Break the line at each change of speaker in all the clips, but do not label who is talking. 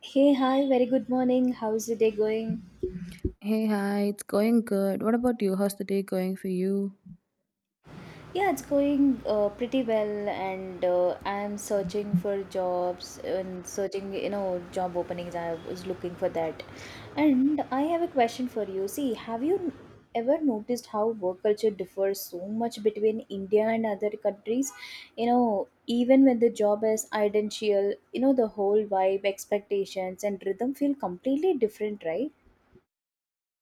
Hey, hi, very good morning. How's your day going?
Hey, hi, it's going good. What about you? How's the day going for you?
Yeah, it's going pretty well, and I'm searching for jobs and searching, you know, job openings. I was looking for that. And I have a question for you. See, have you ever noticed how work culture differs so much between India and other countries? You know, even when the job is identical, you know, the whole vibe, expectations, and rhythm feel completely different, right?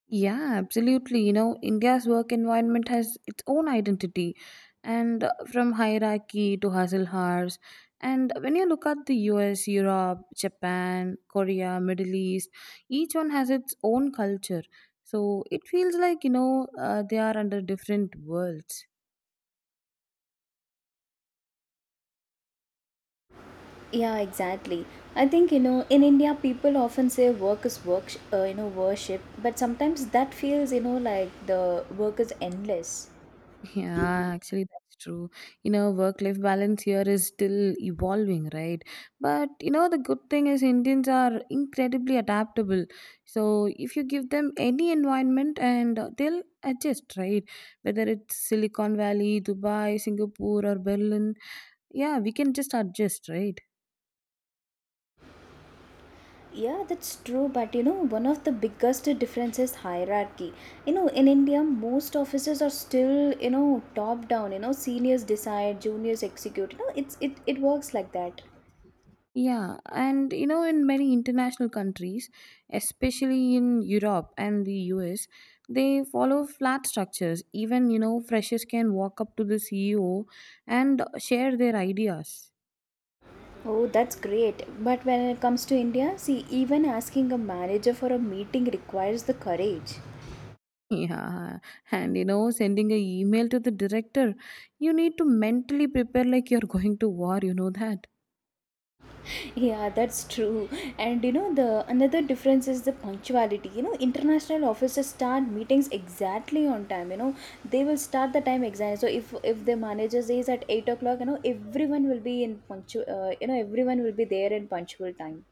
Yeah, absolutely. You know, India's work environment has its own identity, and from hierarchy to hustle hours. And when you look at the US, Europe, Japan, Korea, Middle East, each one has its own culture. So it feels like, you know, they are under different worlds.
Yeah, exactly. I think, you know, in India people often say work is work, you know, worship, but sometimes that feels, you know, like the work is endless.
Yeah, actually, that's true. You know, work life balance here is still evolving, right? But you know, the good thing is Indians are incredibly adaptable. So, if you give them any environment and they'll adjust, right? Whether it's Silicon Valley, Dubai, Singapore, or Berlin, yeah, we can just adjust, right?
Yeah, that's true, but you know one of the biggest difference is hierarchy. You know, in India most offices are still, you know, top down, you know, seniors decide, juniors execute. You know, it works like that.
Yeah, and you know, in many international countries, especially in Europe and the US, they follow flat structures. Even, you know, freshers can walk up to the CEO and share their ideas.
Oh, that's great. But when it comes to India, see, even asking a manager for a meeting requires the courage.
Yeah, and you know, sending a email to the director, you need to mentally prepare like you're going to war, you know that.
Yeah, that's true. And you know, the another difference is the punctuality. You know, international officers start meetings exactly on time. You know, they will start the time exactly. So if the manager says at 8 o'clock, you know, everyone will be in punctual. You know, everyone will be there in punctual time.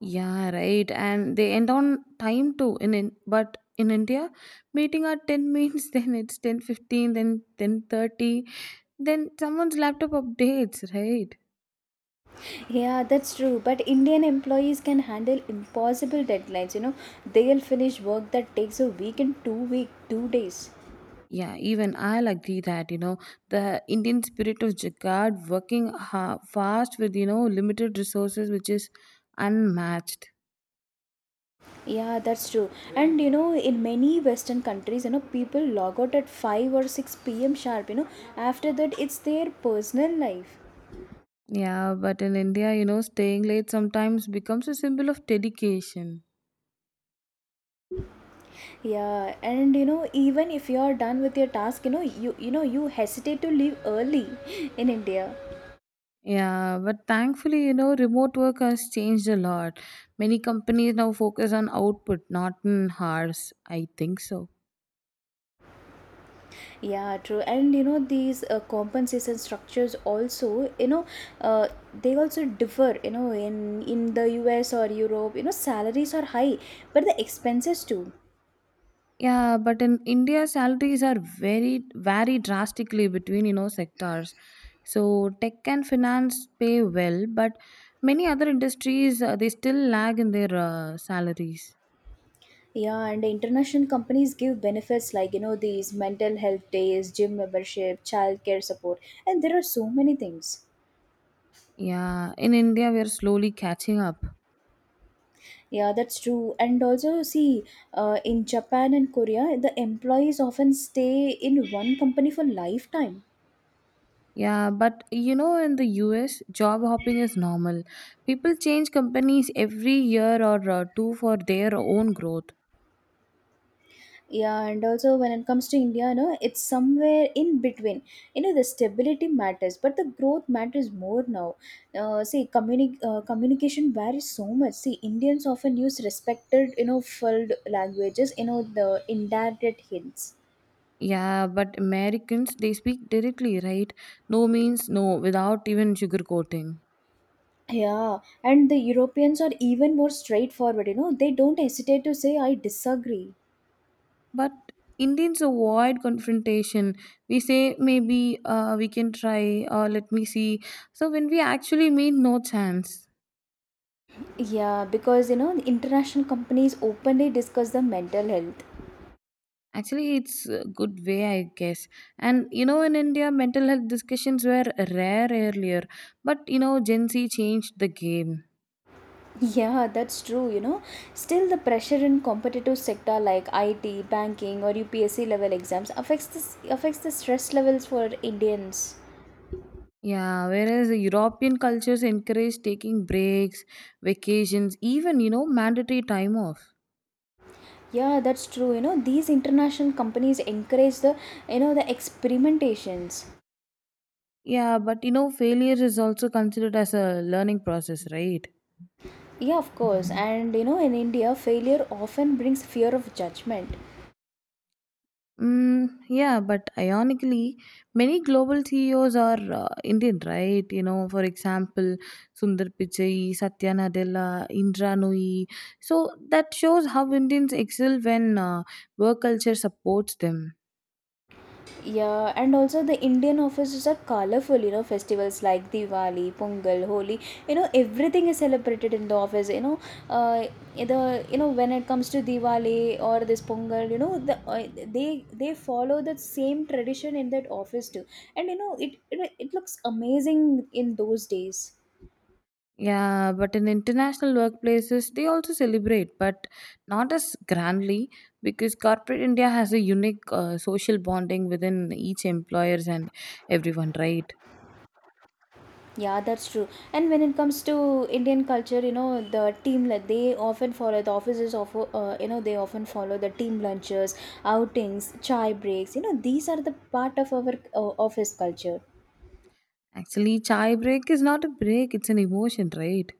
Yeah, right. And they end on time too. In but in India, meeting at ten means then it's 10:15, then 10:30, then someone's laptop updates, right?
Yeah, that's true. But Indian employees can handle impossible deadlines. You know, they'll finish work that takes a week in 2 week 2 days.
Yeah, even I'll agree that you know the Indian spirit of Jagad working fast with you know limited resources, which is unmatched.
Yeah, that's true. And you know, in many Western countries, you know, people log out at 5 or 6 p.m. sharp. You know, after that, it's their personal life.
Yeah, but in India, you know, staying late sometimes becomes a symbol of dedication.
Yeah, and you know, even if you are done with your task, you know, you know, you hesitate to leave early in India.
Yeah, but thankfully, you know, remote work has changed a lot. Many companies now focus on output, not on hours. I think so.
Yeah, true. And you know, these compensation structures also, you know, uh, they also differ. You know, in the US or Europe, you know, salaries are high, but the expenses too.
Yeah, but in India, salaries are very vary drastically between you know sectors. So tech and finance pay well, but many other industries they still lag in their salaries.
Yeah, and international companies give benefits like, you know, these mental health days, gym membership, childcare support, and there are so many things.
Yeah, in India, we are slowly catching up.
Yeah, that's true. And also, see, in Japan and Korea, the employees often stay in one company for lifetime.
Yeah, but you know, in the US, job hopping is normal. People change companies every year or two for their own growth.
Yeah, and also when it comes to India, you know, it's somewhere in between. You know, the stability matters, but the growth matters more now. See, communication varies so much. See, Indians often use respected, you know, filled languages, you know, the indirect hints.
Yeah, but Americans, they speak directly, right? No means no, without even sugarcoating.
Yeah, and the Europeans are even more straightforward, you know, they don't hesitate to say, I disagree.
But Indians avoid confrontation. We say, maybe we can try, or let me see. So when we actually mean no chance.
Yeah, because, you know, the international companies openly discuss the mental health.
Actually, it's a good way, I guess. And you know, in India, mental health discussions were rare earlier, but you know, Gen Z changed the game.
Yeah, that's true, you know. Still, the pressure in competitive sector like IT, banking, or UPSC level exams affects this affects the stress levels for Indians.
Yeah, whereas the European cultures encourage taking breaks, vacations, even you know, mandatory time off.
Yeah, that's true. You know, these international companies encourage the, you know, the experimentations.
Yeah, but you know, failure is also considered as a learning process, right?
Yeah, of course. And you know, in India, failure often brings fear of judgment.
Mm, yeah, but ironically, many global CEOs are Indian, right? You know, for example, Sundar Pichai, Satya Nadella, Indra Nooyi. So that shows how Indians excel when work culture supports them.
Yeah, and also the Indian offices are colorful, you know, festivals like Diwali, Pongal, Holi, you know, everything is celebrated in the office, you know, uh, the, you know, when it comes to Diwali or this Pongal, you know, the, they follow the same tradition in that office too. And, you know, it looks amazing in those days.
Yeah, but in international workplaces, they also celebrate, but not as grandly because corporate India has a unique social bonding within each employers and everyone, right?
Yeah, that's true. And when it comes to Indian culture, you know, the team, like, they often follow the offices of you know, they often follow the team lunches, outings, chai breaks. You know, these are the part of our office culture.
Actually, chai break is not a break, it's an emotion, right?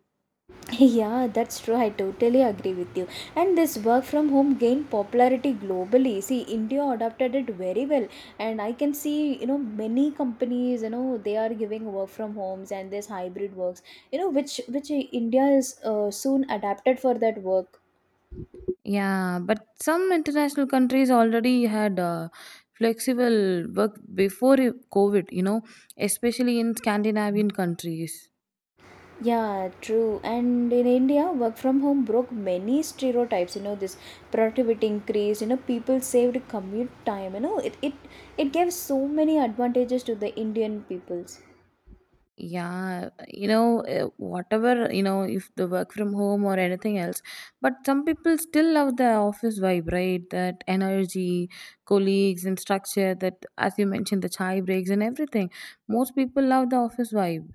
Yeah, that's true. I totally agree with you. And this work from home gained popularity globally. See, India adopted it very well. And I can see, you know, many companies, you know, they are giving work from homes and this hybrid works, you know, which India is soon adapted for that work.
Yeah, but some international countries already had flexible work before COVID, you know, especially in Scandinavian countries.
Yeah, true. And in India, work from home broke many stereotypes. You know, this productivity increased, you know, people saved commute time. You know, it gave so many advantages to the Indian peoples.
Yeah, you know, whatever, you know, if the work from home or anything else, but some people still love the office vibe, right? That energy, colleagues, and structure that, as you mentioned, the chai breaks and everything. Most people love the office vibe.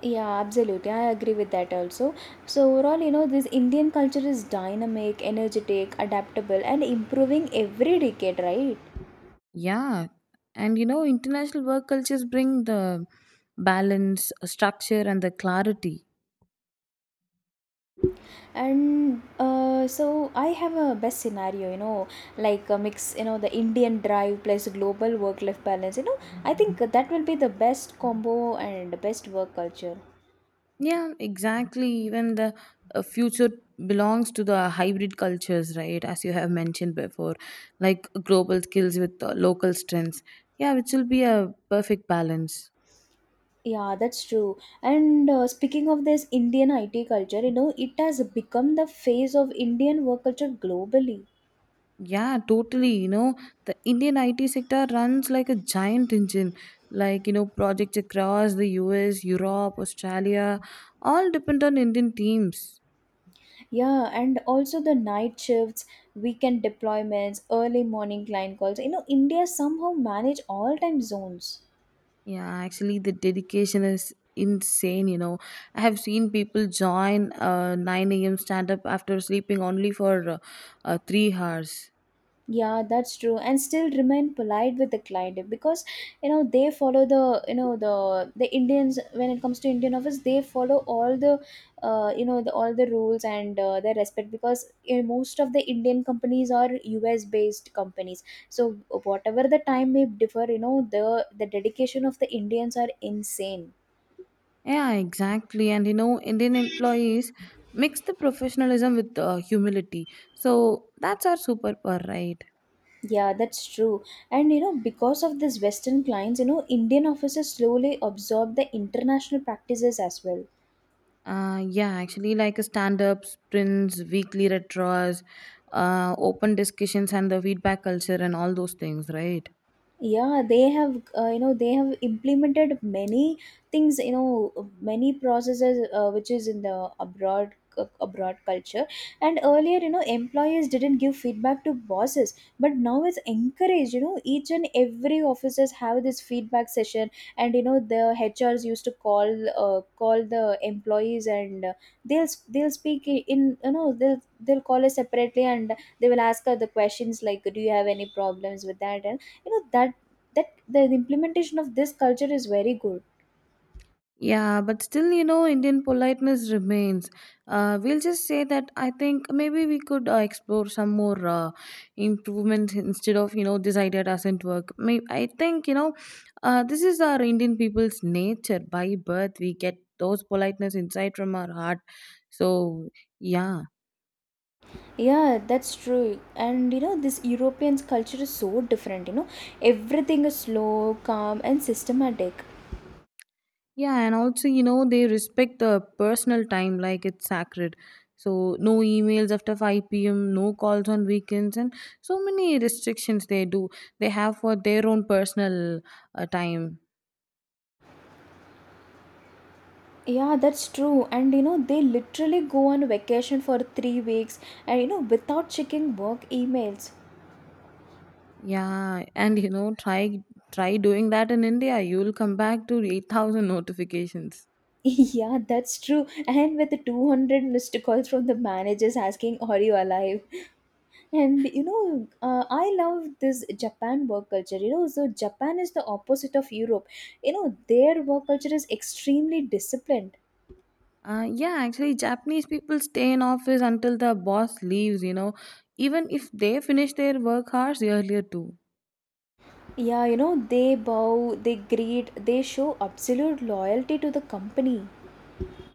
Yeah, absolutely. I agree with that also. So, overall, you know, this Indian culture is dynamic, energetic, adaptable, and improving every decade, right?
Yeah, and you know, international work cultures bring the balance, structure, and the clarity.
And so, I have a best scenario, you know, like a mix, you know, the Indian drive plus global work life balance. You know, I think that will be the best combo and best work culture.
Yeah, exactly. Even the future belongs to the hybrid cultures, right? As you have mentioned before, like global skills with local strengths. Yeah, which will be a perfect balance.
Yeah, that's true. And speaking of this Indian IT culture, you know, it has become the face of Indian work culture globally.
Yeah, totally. You know, the Indian IT sector runs like a giant engine. Like, you know, projects across the US, Europe, Australia all depend on Indian teams.
Yeah, and also the night shifts, weekend deployments, early morning client calls. You know, India somehow manage all time zones.
Yeah, actually, the dedication is insane. You know, I have seen people join 9 a.m. stand up after sleeping only for 3 hours.
Yeah, that's true, and still remain polite with the client because you know they follow the, you know, the Indians, when it comes to Indian office, they follow all the you know, the, all the rules and their respect because most of the Indian companies are US based companies. So whatever the time may differ, you know, the dedication of the Indians are insane.
Yeah, exactly. And you know, Indian employees mix the professionalism with humility. So that's our superpower, right?
Yeah, that's true. And you know, because of this Western clients, you know, Indian officers slowly absorb the international practices as well.
Yeah, actually, like a stand up, sprints, weekly retros, open discussions, and the feedback culture, and all those things, right?
Yeah, they have, you know, they have implemented many things, you know, many processes which is in the abroad culture. And earlier, you know, employers didn't give feedback to bosses, but now it's encouraged. You know, each and every officers have this feedback session. And you know the hrs used to call, call the employees, and they'll speak you know, they'll call us separately, and they will ask her the questions like, do you have any problems with that, you know, that, that the implementation of this culture is very good.
Yeah, but still, you know, Indian politeness remains. We'll just say that I think maybe we could explore some more improvements instead of, you know, this idea doesn't work. May I think, you know, this is our Indian people's nature. By birth, we get those politeness inside from our heart. So, yeah.
Yeah, that's true. And you know, this European's culture is so different, you know. Everything is slow, calm, and systematic.
Yeah, and also, you know, they respect the personal time like it's sacred. So, no emails after 5 p.m., no calls on weekends, and so many restrictions they do. They have for their own personal time.
Yeah, that's true. And you know, they literally go on vacation for 3 weeks and, you know, without checking work emails.
Yeah, and you know, try doing that in India. You'll come back to 8,000 notifications.
Yeah, that's true. And with 200 missed calls from the managers asking, are you alive? And you know, I love this Japan work culture. You know, so Japan is the opposite of Europe. You know, their work culture is extremely disciplined.
Yeah, actually, Japanese people stay in office until the boss leaves, you know, even if they finish their work hours earlier too.
Yeah, you know, they bow, they greet, they show absolute loyalty to the company.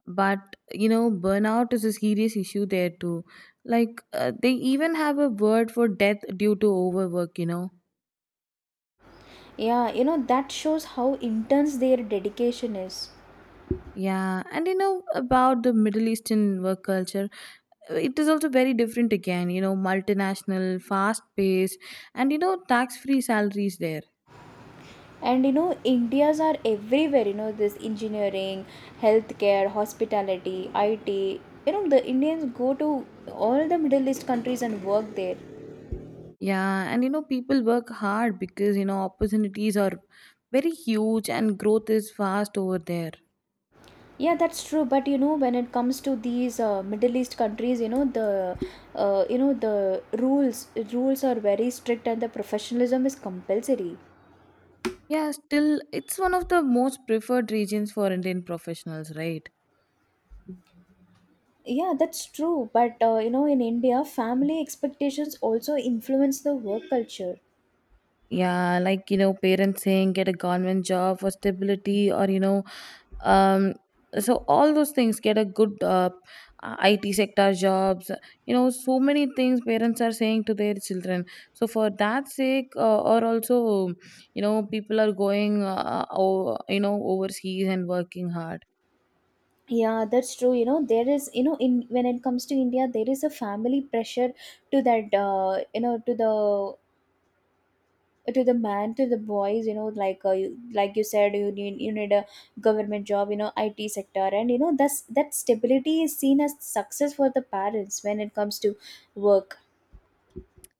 But you know burnout is a serious issue there too, like they even have a word for death due to overwork, you know.
Yeah, you know, that shows how intense their dedication is.
Yeah, and you know about the Middle Eastern work culture, it is also very different again, you know, multinational, fast paced, and you know, tax free salaries there.
And you know, Indias are everywhere, you know, this engineering, healthcare, hospitality, IT. You know, the Indians go to all the Middle East countries and work there.
Yeah, and you know people work hard because you know opportunities are very huge and growth is fast over there.
Yeah, that's true. But you know, when it comes to these Middle East countries, you know, the you know, the rules are very strict and the professionalism is compulsory.
Yeah, still it's one of the most preferred regions for Indian professionals, right?
Yeah, that's true. But you know, in India, family expectations also influence the work culture.
Yeah, like, you know, parents saying get a government job for stability or, you know, um, so all those things get a good IT sector jobs. You know, so many things parents are saying to their children. So for that sake, or also, you know, people are going, you know, overseas and working hard.
Yeah, that's true. You know, there is, you know, in, when it comes to India, there is a family pressure to that, you know, to the, to the man, to the boys, you know, like, you, like you said, you need a government job, you know, IT sector, and you know that's that stability is seen as success for the parents when it comes to work.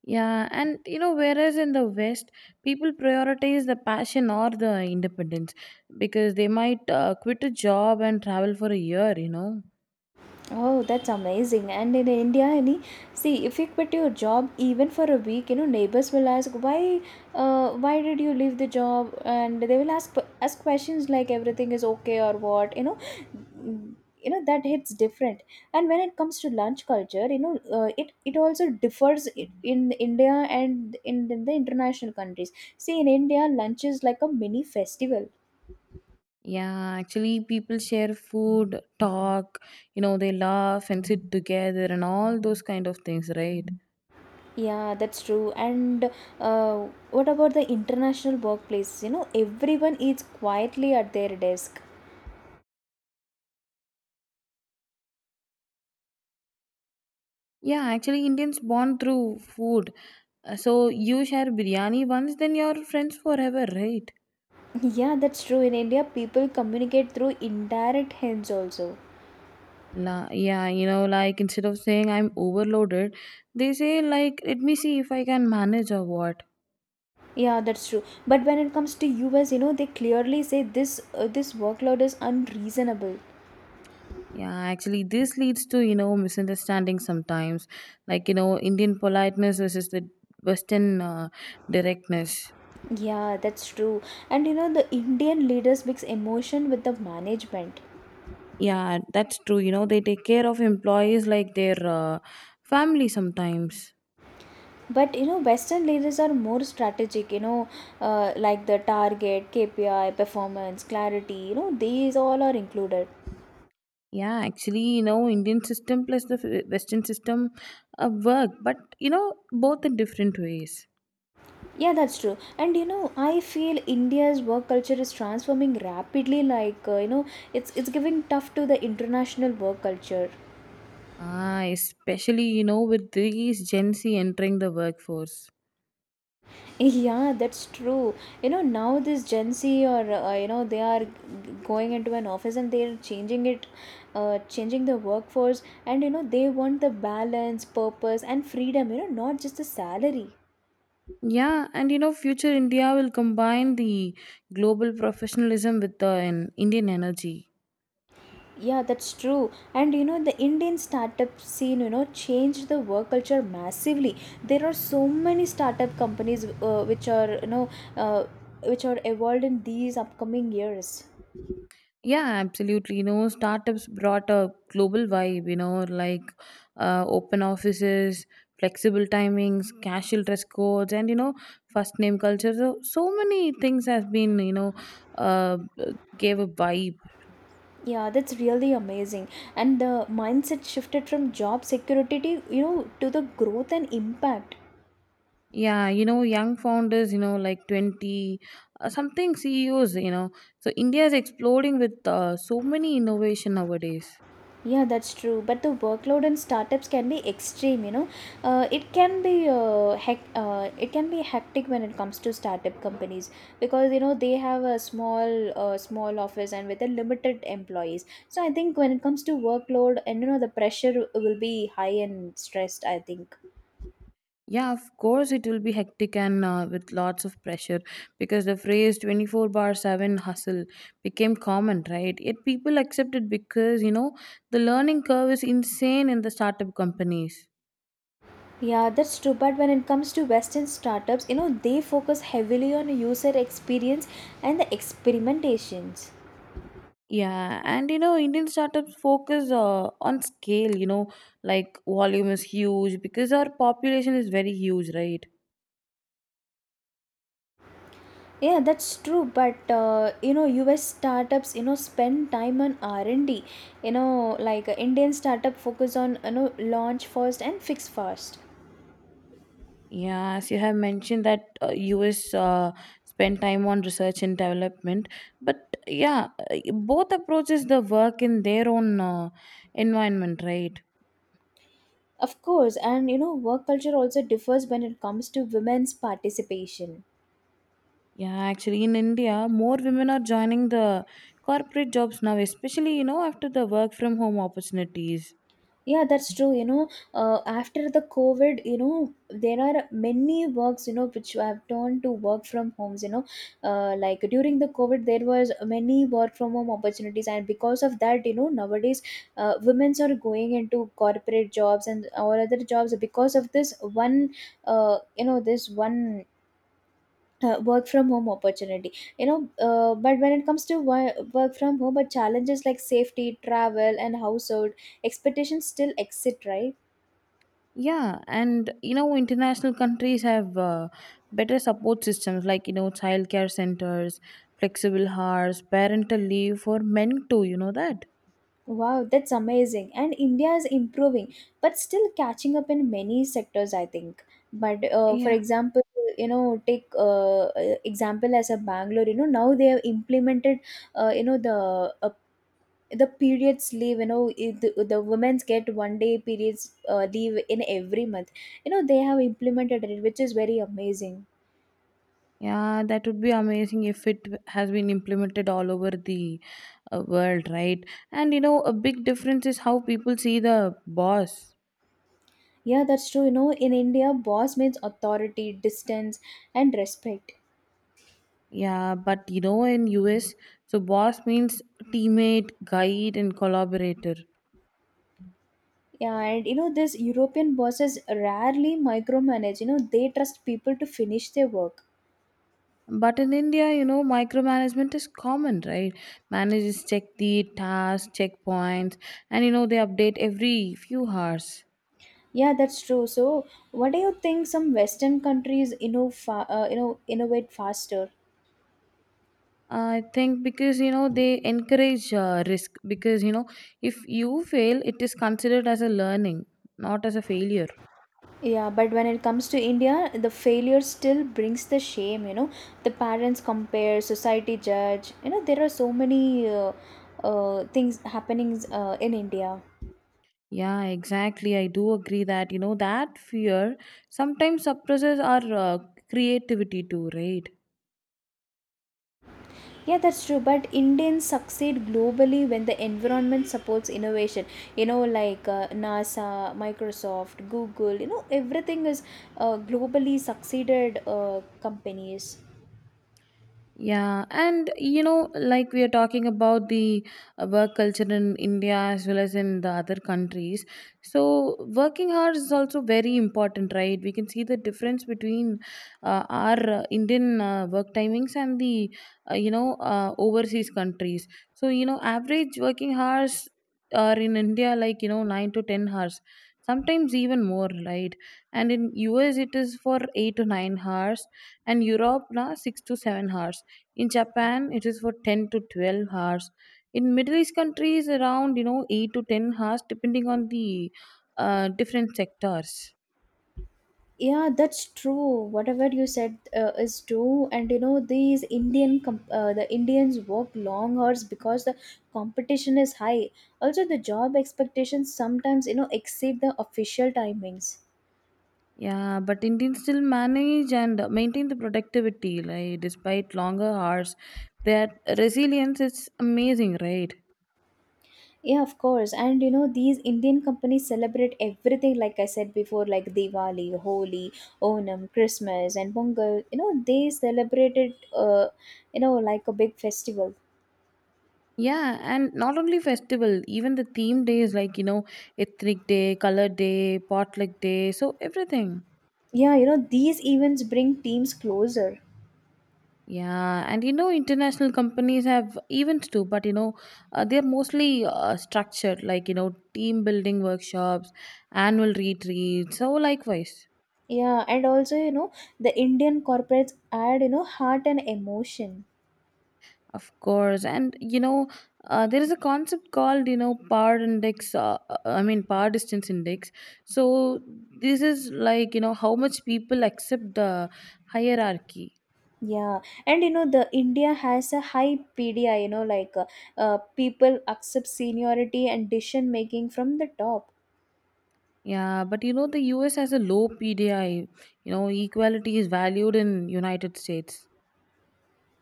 Yeah, and you know, whereas in the West, people prioritize the passion or the independence because they might quit a job and travel for a year, you know.
Oh, that's amazing. And in India, any, see, if you quit your job even for a week, you know, neighbors will ask why, why did you leave the job? And they will ask questions like, everything is okay or what, you know. Mm, you know, that hits different. And when it comes to lunch culture, you know, it also differs in India and in the international countries. See, in India, lunch is like a mini festival.
Yeah, actually, people share food, talk, you know, they laugh and sit together and all those kind of things, right?
Yeah, that's true. And what about the international workplace? You know, everyone eats quietly at their desk.
Yeah, actually, Indians bond through food. So you share biryani once, then you're friends forever, right?
Yeah, that's true. In India, people communicate through indirect hints also.
Yeah, you know, like instead of saying I'm overloaded, they say like let me see if I can manage or what.
Yeah, that's true. But when it comes to US, you know, they clearly say this, this workload is unreasonable.
Yeah, actually, this leads to you know misunderstanding sometimes, like you know Indian politeness versus the Western directness.
Yeah, that's true. And you know, the Indian leaders mix emotion with the management.
Yeah, that's true. You know, they take care of employees like their family sometimes.
But you know, Western leaders are more strategic, you know, like the target, KPI, performance, clarity, you know, these all are included.
Yeah, actually, you know, Indian system plus the Western system work, but you know, both in different ways.
Yeah, that's true. And you know, I feel India's work culture is transforming rapidly, like, you know, it's giving tough to the international work culture.
Ah, especially, you know, with these Gen Z entering the workforce.
Yeah, that's true. You know, now this Gen Z or you know, they are going into an office and they are changing it, changing the workforce, and you know they want the balance, purpose, and freedom. You know, not just the salary.
Yeah, and you know, future India will combine the global professionalism with the an Indian energy.
Yeah, that's true. And you know, the Indian startup scene, you know, changed the work culture massively. There are so many startup companies which are uh, which are evolved in these upcoming years.
Yeah, absolutely. You know, startups brought a global vibe, you know, like open offices, flexible timings, casual dress codes, and you know, first name culture. So many things has been, you know, uh, gave a vibe.
Yeah, that's really amazing. And the mindset shifted from job security, to, you know, to the growth and impact.
Yeah, you know, young founders, you know, like 20 something CEOs, you know. So India is exploding with so many innovation nowadays.
Yeah, that's true. But the workload in startups can be extreme. It can be it can be hectic when it comes to startup companies because you know they have a small small office and with a limited employees. So I think when it comes to workload and you know the pressure will be high and stressed. I think.
Yeah, of course, it will be hectic and with lots of pressure because the phrase 24 bar 7 hustle became common, right? Yet people accept it because, you know, the learning curve is insane in the startup companies.
Yeah, that's true. But when it comes to Western startups, you know, they focus heavily on user experience and the experimentations.
Yeah, and you know, Indian startups focus on scale, you know, like volume is huge because our population is very huge, right?
Yeah, that's true. But you know, US startups, you know, spend time on R and D. You know, like Indian startup focus on you know launch first and fix fast.
Yeah, as you have mentioned that US spend time on research and development, but yeah, both approaches the work in their own environment, right?
Of course, and you know, work culture also differs when it comes to women's participation.
Yeah, actually, in India, more women are joining the corporate jobs now, especially you know after the work from home opportunities.
Yeah, that's true. After the COVID, you know, there are many works, you know, which have turned to work from homes. Like during the COVID, there was many work from home opportunities, and because of that, you know, nowadays, women's are going into corporate jobs and or other jobs because of this one, this one. Work from home opportunity you know but when it comes to work from home but challenges like safety travel and household expectations still exist, right?
Yeah, and you know, international countries have better support systems like you know, childcare centers, flexible hours, parental leave for men too. You know that?
Wow, that's amazing. And India is improving, but still catching up in many sectors, I think. But for
Yeah.
example, you know, take example as a Bangalore, you know, now they have implemented, uh, you know, the uh, the periods leave, you know, the women's get 1 day periods leave in every month. You know, they have implemented it, which is very amazing.
Yeah, that would be amazing if it has been implemented all over the world, right? And you know, a big difference is how people see the boss.
Yeah, that's true. You know, in India, boss means authority, distance, and respect.
Yeah, but you know, in US, so boss means teammate, guide, and collaborator.
Yeah, and you know, these European bosses rarely micromanage, you know, they trust people to finish their work.
But in India, you know, micromanagement is common, right? Managers check the tasks, checkpoints, and you know, they update every few hours.
Yeah, that's true. So, what do you think some Western countries, you know, you know, innovate faster?
I think because you know they encourage risk because you know if you fail, it is considered as a learning, not as a failure.
Yeah, but when it comes to India, the failure still brings the shame, you know. The parents compare, society judge, you know, there are so many things happenings in India.
Yeah, exactly. I do agree that you know that fear sometimes suppresses our creativity too, right?
Yeah, that's true. But Indians succeed globally when the environment supports innovation. You know, like NASA, Microsoft, Google, you know, everything is globally succeeded companies.
Yeah, and you know, like we are talking about the work culture in India as well as in the other countries. So, working hours is also very important, right? We can see the difference between our Indian work timings and the, you know, overseas countries. So, you know, average working hours are in India like, you know, 9 to 10 hours, sometimes even more, right? And in US, it is for 8 to 9 hours, and Europe, na, 6 to 7 hours in japan it is for 10 to 12 hours in middle east countries around, you know, 8 to 10 hours depending on the different sectors.
Yeah, that's true. Whatever you said is true. And you know, these the Indians work long hours because the competition is high. Also, the job expectations sometimes, you know, exceed the official timings.
Yeah, but Indians still manage and maintain the productivity like despite longer hours, their resilience is amazing, right?
Yeah, of course. And you know, these Indian companies celebrate everything, like I said before, like Diwali, Holi, Onam, Christmas, and Pongal. You know, they celebrate it like a big festival.
Yeah, and not only festival, even the theme days, like, you know, ethnic day, color day, potluck day, so everything.
Yeah, you know, these events bring teams closer.
Yeah, and you know, international companies have events too, but you know, they're mostly structured like, you know, team building workshops, annual retreats. So, likewise,
Yeah, and also, you know, the Indian corporates add, you know, heart and emotion.
of course. And you know, there is a concept called, you know, power index, I mean, power distance index. So, this is like, you know, how much people accept the hierarchy.
Yeah, and you know, the India has a high PDI, you know, like people accept seniority and decision making from the top.
Yeah, but you know, the US has a low PDI, you know, equality is valued in United States.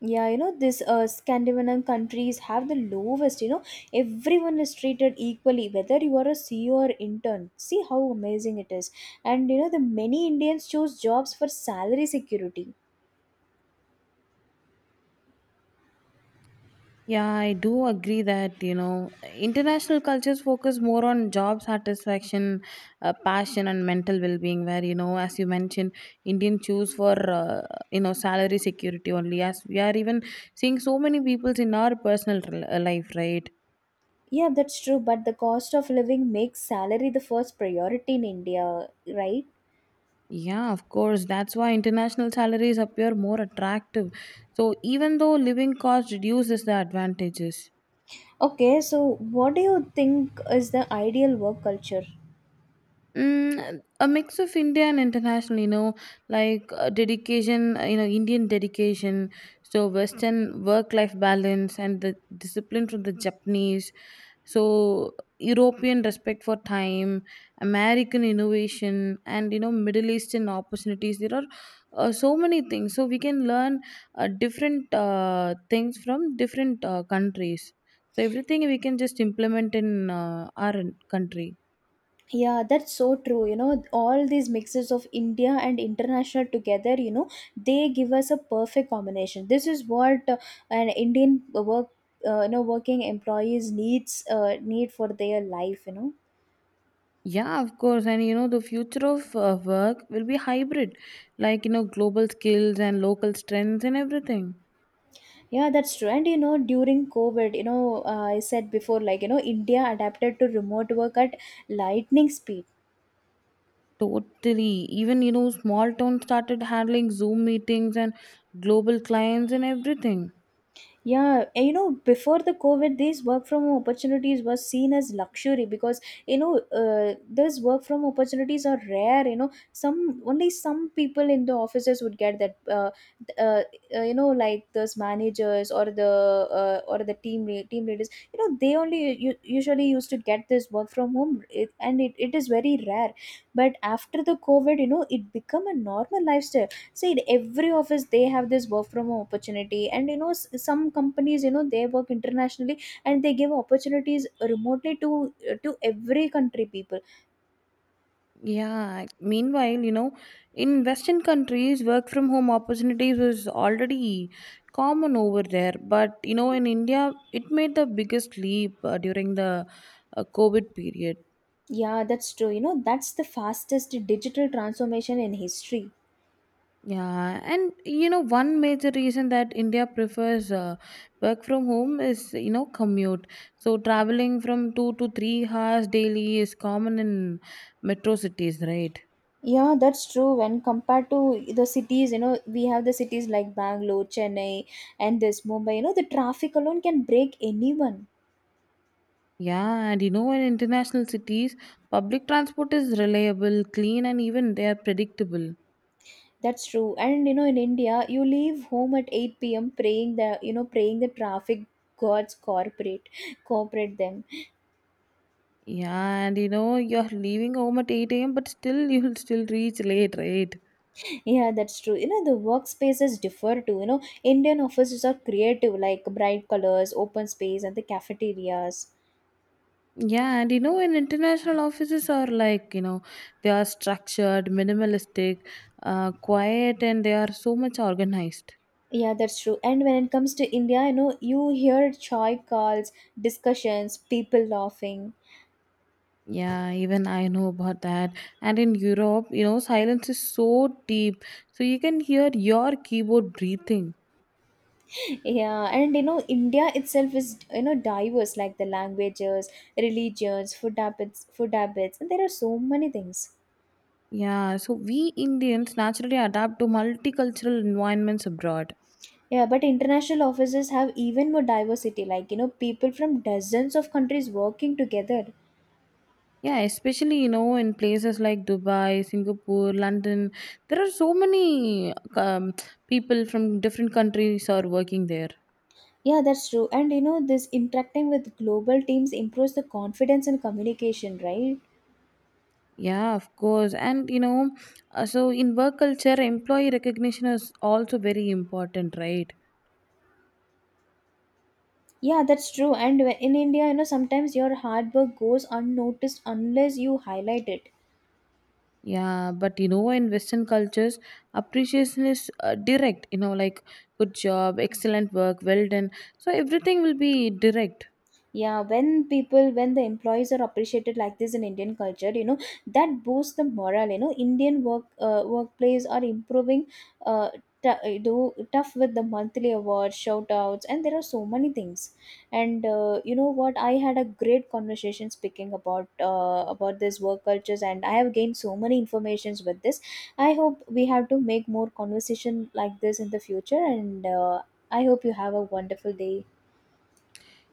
Yeah, you know, this Scandinavian countries have the lowest, you know, everyone is treated equally, whether you are a CEO or intern. See how amazing it is. And, you know, the many Indians choose jobs for salary security.
Yeah, I do agree that, you know, international cultures focus more on job satisfaction, passion, and mental well being. Where, you know, as you mentioned, Indian choose for, uh, you know, salary security only. As we are even seeing so many peoples in our life, right?
Yeah, that's true, but the cost of living makes salary the first priority in India, right?
Yeah, of course. That's why international salaries appear more attractive. So even though living costs reduces the advantages.
Okay, so what do you think is the ideal work culture?
Mm, a mix of India and international, you know, like dedication, you know, Indian dedication, so Western work life balance, and the discipline from the Japanese, so European respect for time, American innovation, and you know, Middle Eastern opportunities. There are so many things, so we can learn different things from different countries. So everything we can just implement in our country.
Yeah, that's so true. You know, all these mixes of India and international together, you know, they give us a perfect combination. This is what an Indian work, you know, working employees need for their life. You know.
Yeah, of course. And you know, the future of work will be hybrid, like, you know, global skills and local strengths and everything.
Yeah, that's true. And you know, during COVID, you know, I said before, like you know, India adapted to remote work at lightning speed.
Totally. Even, you know, small towns started handling Zoom meetings and global clients and everything.
Yeah, and you know, before the COVID, these work from home opportunities were seen as luxury because you know, these work from opportunities are rare. You know, some only some people in the offices would get that. Uh, you know, like those managers or the team leaders. You know, they only usually used to get this work from home, it is very rare. But after the COVID, you know, it become a normal lifestyle. See every office they have this work from home opportunity and you know some companies you know they work internationally and they give opportunities remotely to every country people.
Yeah. Meanwhile, you know, in Western countries, work from home opportunities was already common over there. But, you know, in India, it made the biggest leap during the COVID period.
Yeah, that's true, you know, that's the fastest digital transformation in history.
Yeah, and you know, one major reason that India prefers work from home is, you know, commute. So traveling from 2 to 3 hours daily is common in metro cities, right?
Yeah, that's true. When compared to the cities, you know, we have the cities like Bangalore, Chennai, and this Mumbai, you know, the traffic alone can break anyone.
Yeah, and you know, in international cities, public transport is reliable, clean, and even they are predictable.
That's true. And you know, in India, you leave home at 8 p.m. praying the you know praying the traffic gods corporate cooperate them.
Yeah, and you know, you're leaving home at 8 a.m., but still, you'll still reach late, right?
Yeah, that's true. You know, the workspaces differ too. You know, Indian offices are creative, like bright colors, open space, and the cafeterias.
Yeah, and you know, in international offices are like, you know, they are structured, minimalistic, quiet, and they are so much organized.
Yeah, that's true. And when it comes to India, you know, you hear joy calls, discussions, people laughing.
Yeah, even I know about that. And in Europe, you know, silence is so deep, so you can hear your keyboard breathing.
Yeah, and you know, India itself is you know diverse, like the languages, religions, food habits, and there are so many things.
Yeah, so we Indians naturally adapt to multicultural environments abroad.
Yeah, but international offices have even more diversity, like you know, people from dozens of countries working together.
Yeah, especially, you know, in places like Dubai, Singapore, London, there are so many people from different countries are working there.
Yeah, that's true. And you know, this interacting with global teams improves the confidence and communication, right?
Yeah, of course, and you know, so in work culture, employee recognition is also very important, right?
Yeah, that's true. And when- in India, you know, sometimes your hard work goes unnoticed unless you highlight it.
Yeah, but you know, in Western cultures, appreciation is direct. You know, like good job, excellent work, well done. So everything will be direct.
Yeah, when people, when the employees are appreciated like this in Indian culture, you know, that boosts the morale. You know, Indian work workplace are improving. Uh, do tough with the monthly awards, shout outs, and there are so many things. And you know what? I had a great conversation speaking about this work cultures, and I have gained so many informations with this. I hope we have to make more conversation like this in the future. And I hope you have a wonderful day.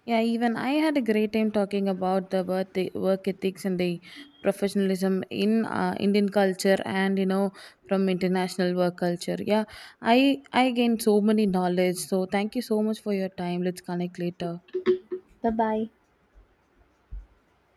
Yeah, even I had a great time talking about the worth, work ethics and the professionalism in Indian culture and you know from international work culture. Yeah, I I gained so many knowledge. So thank you so much for your time. Let's connect later.
Bye bye.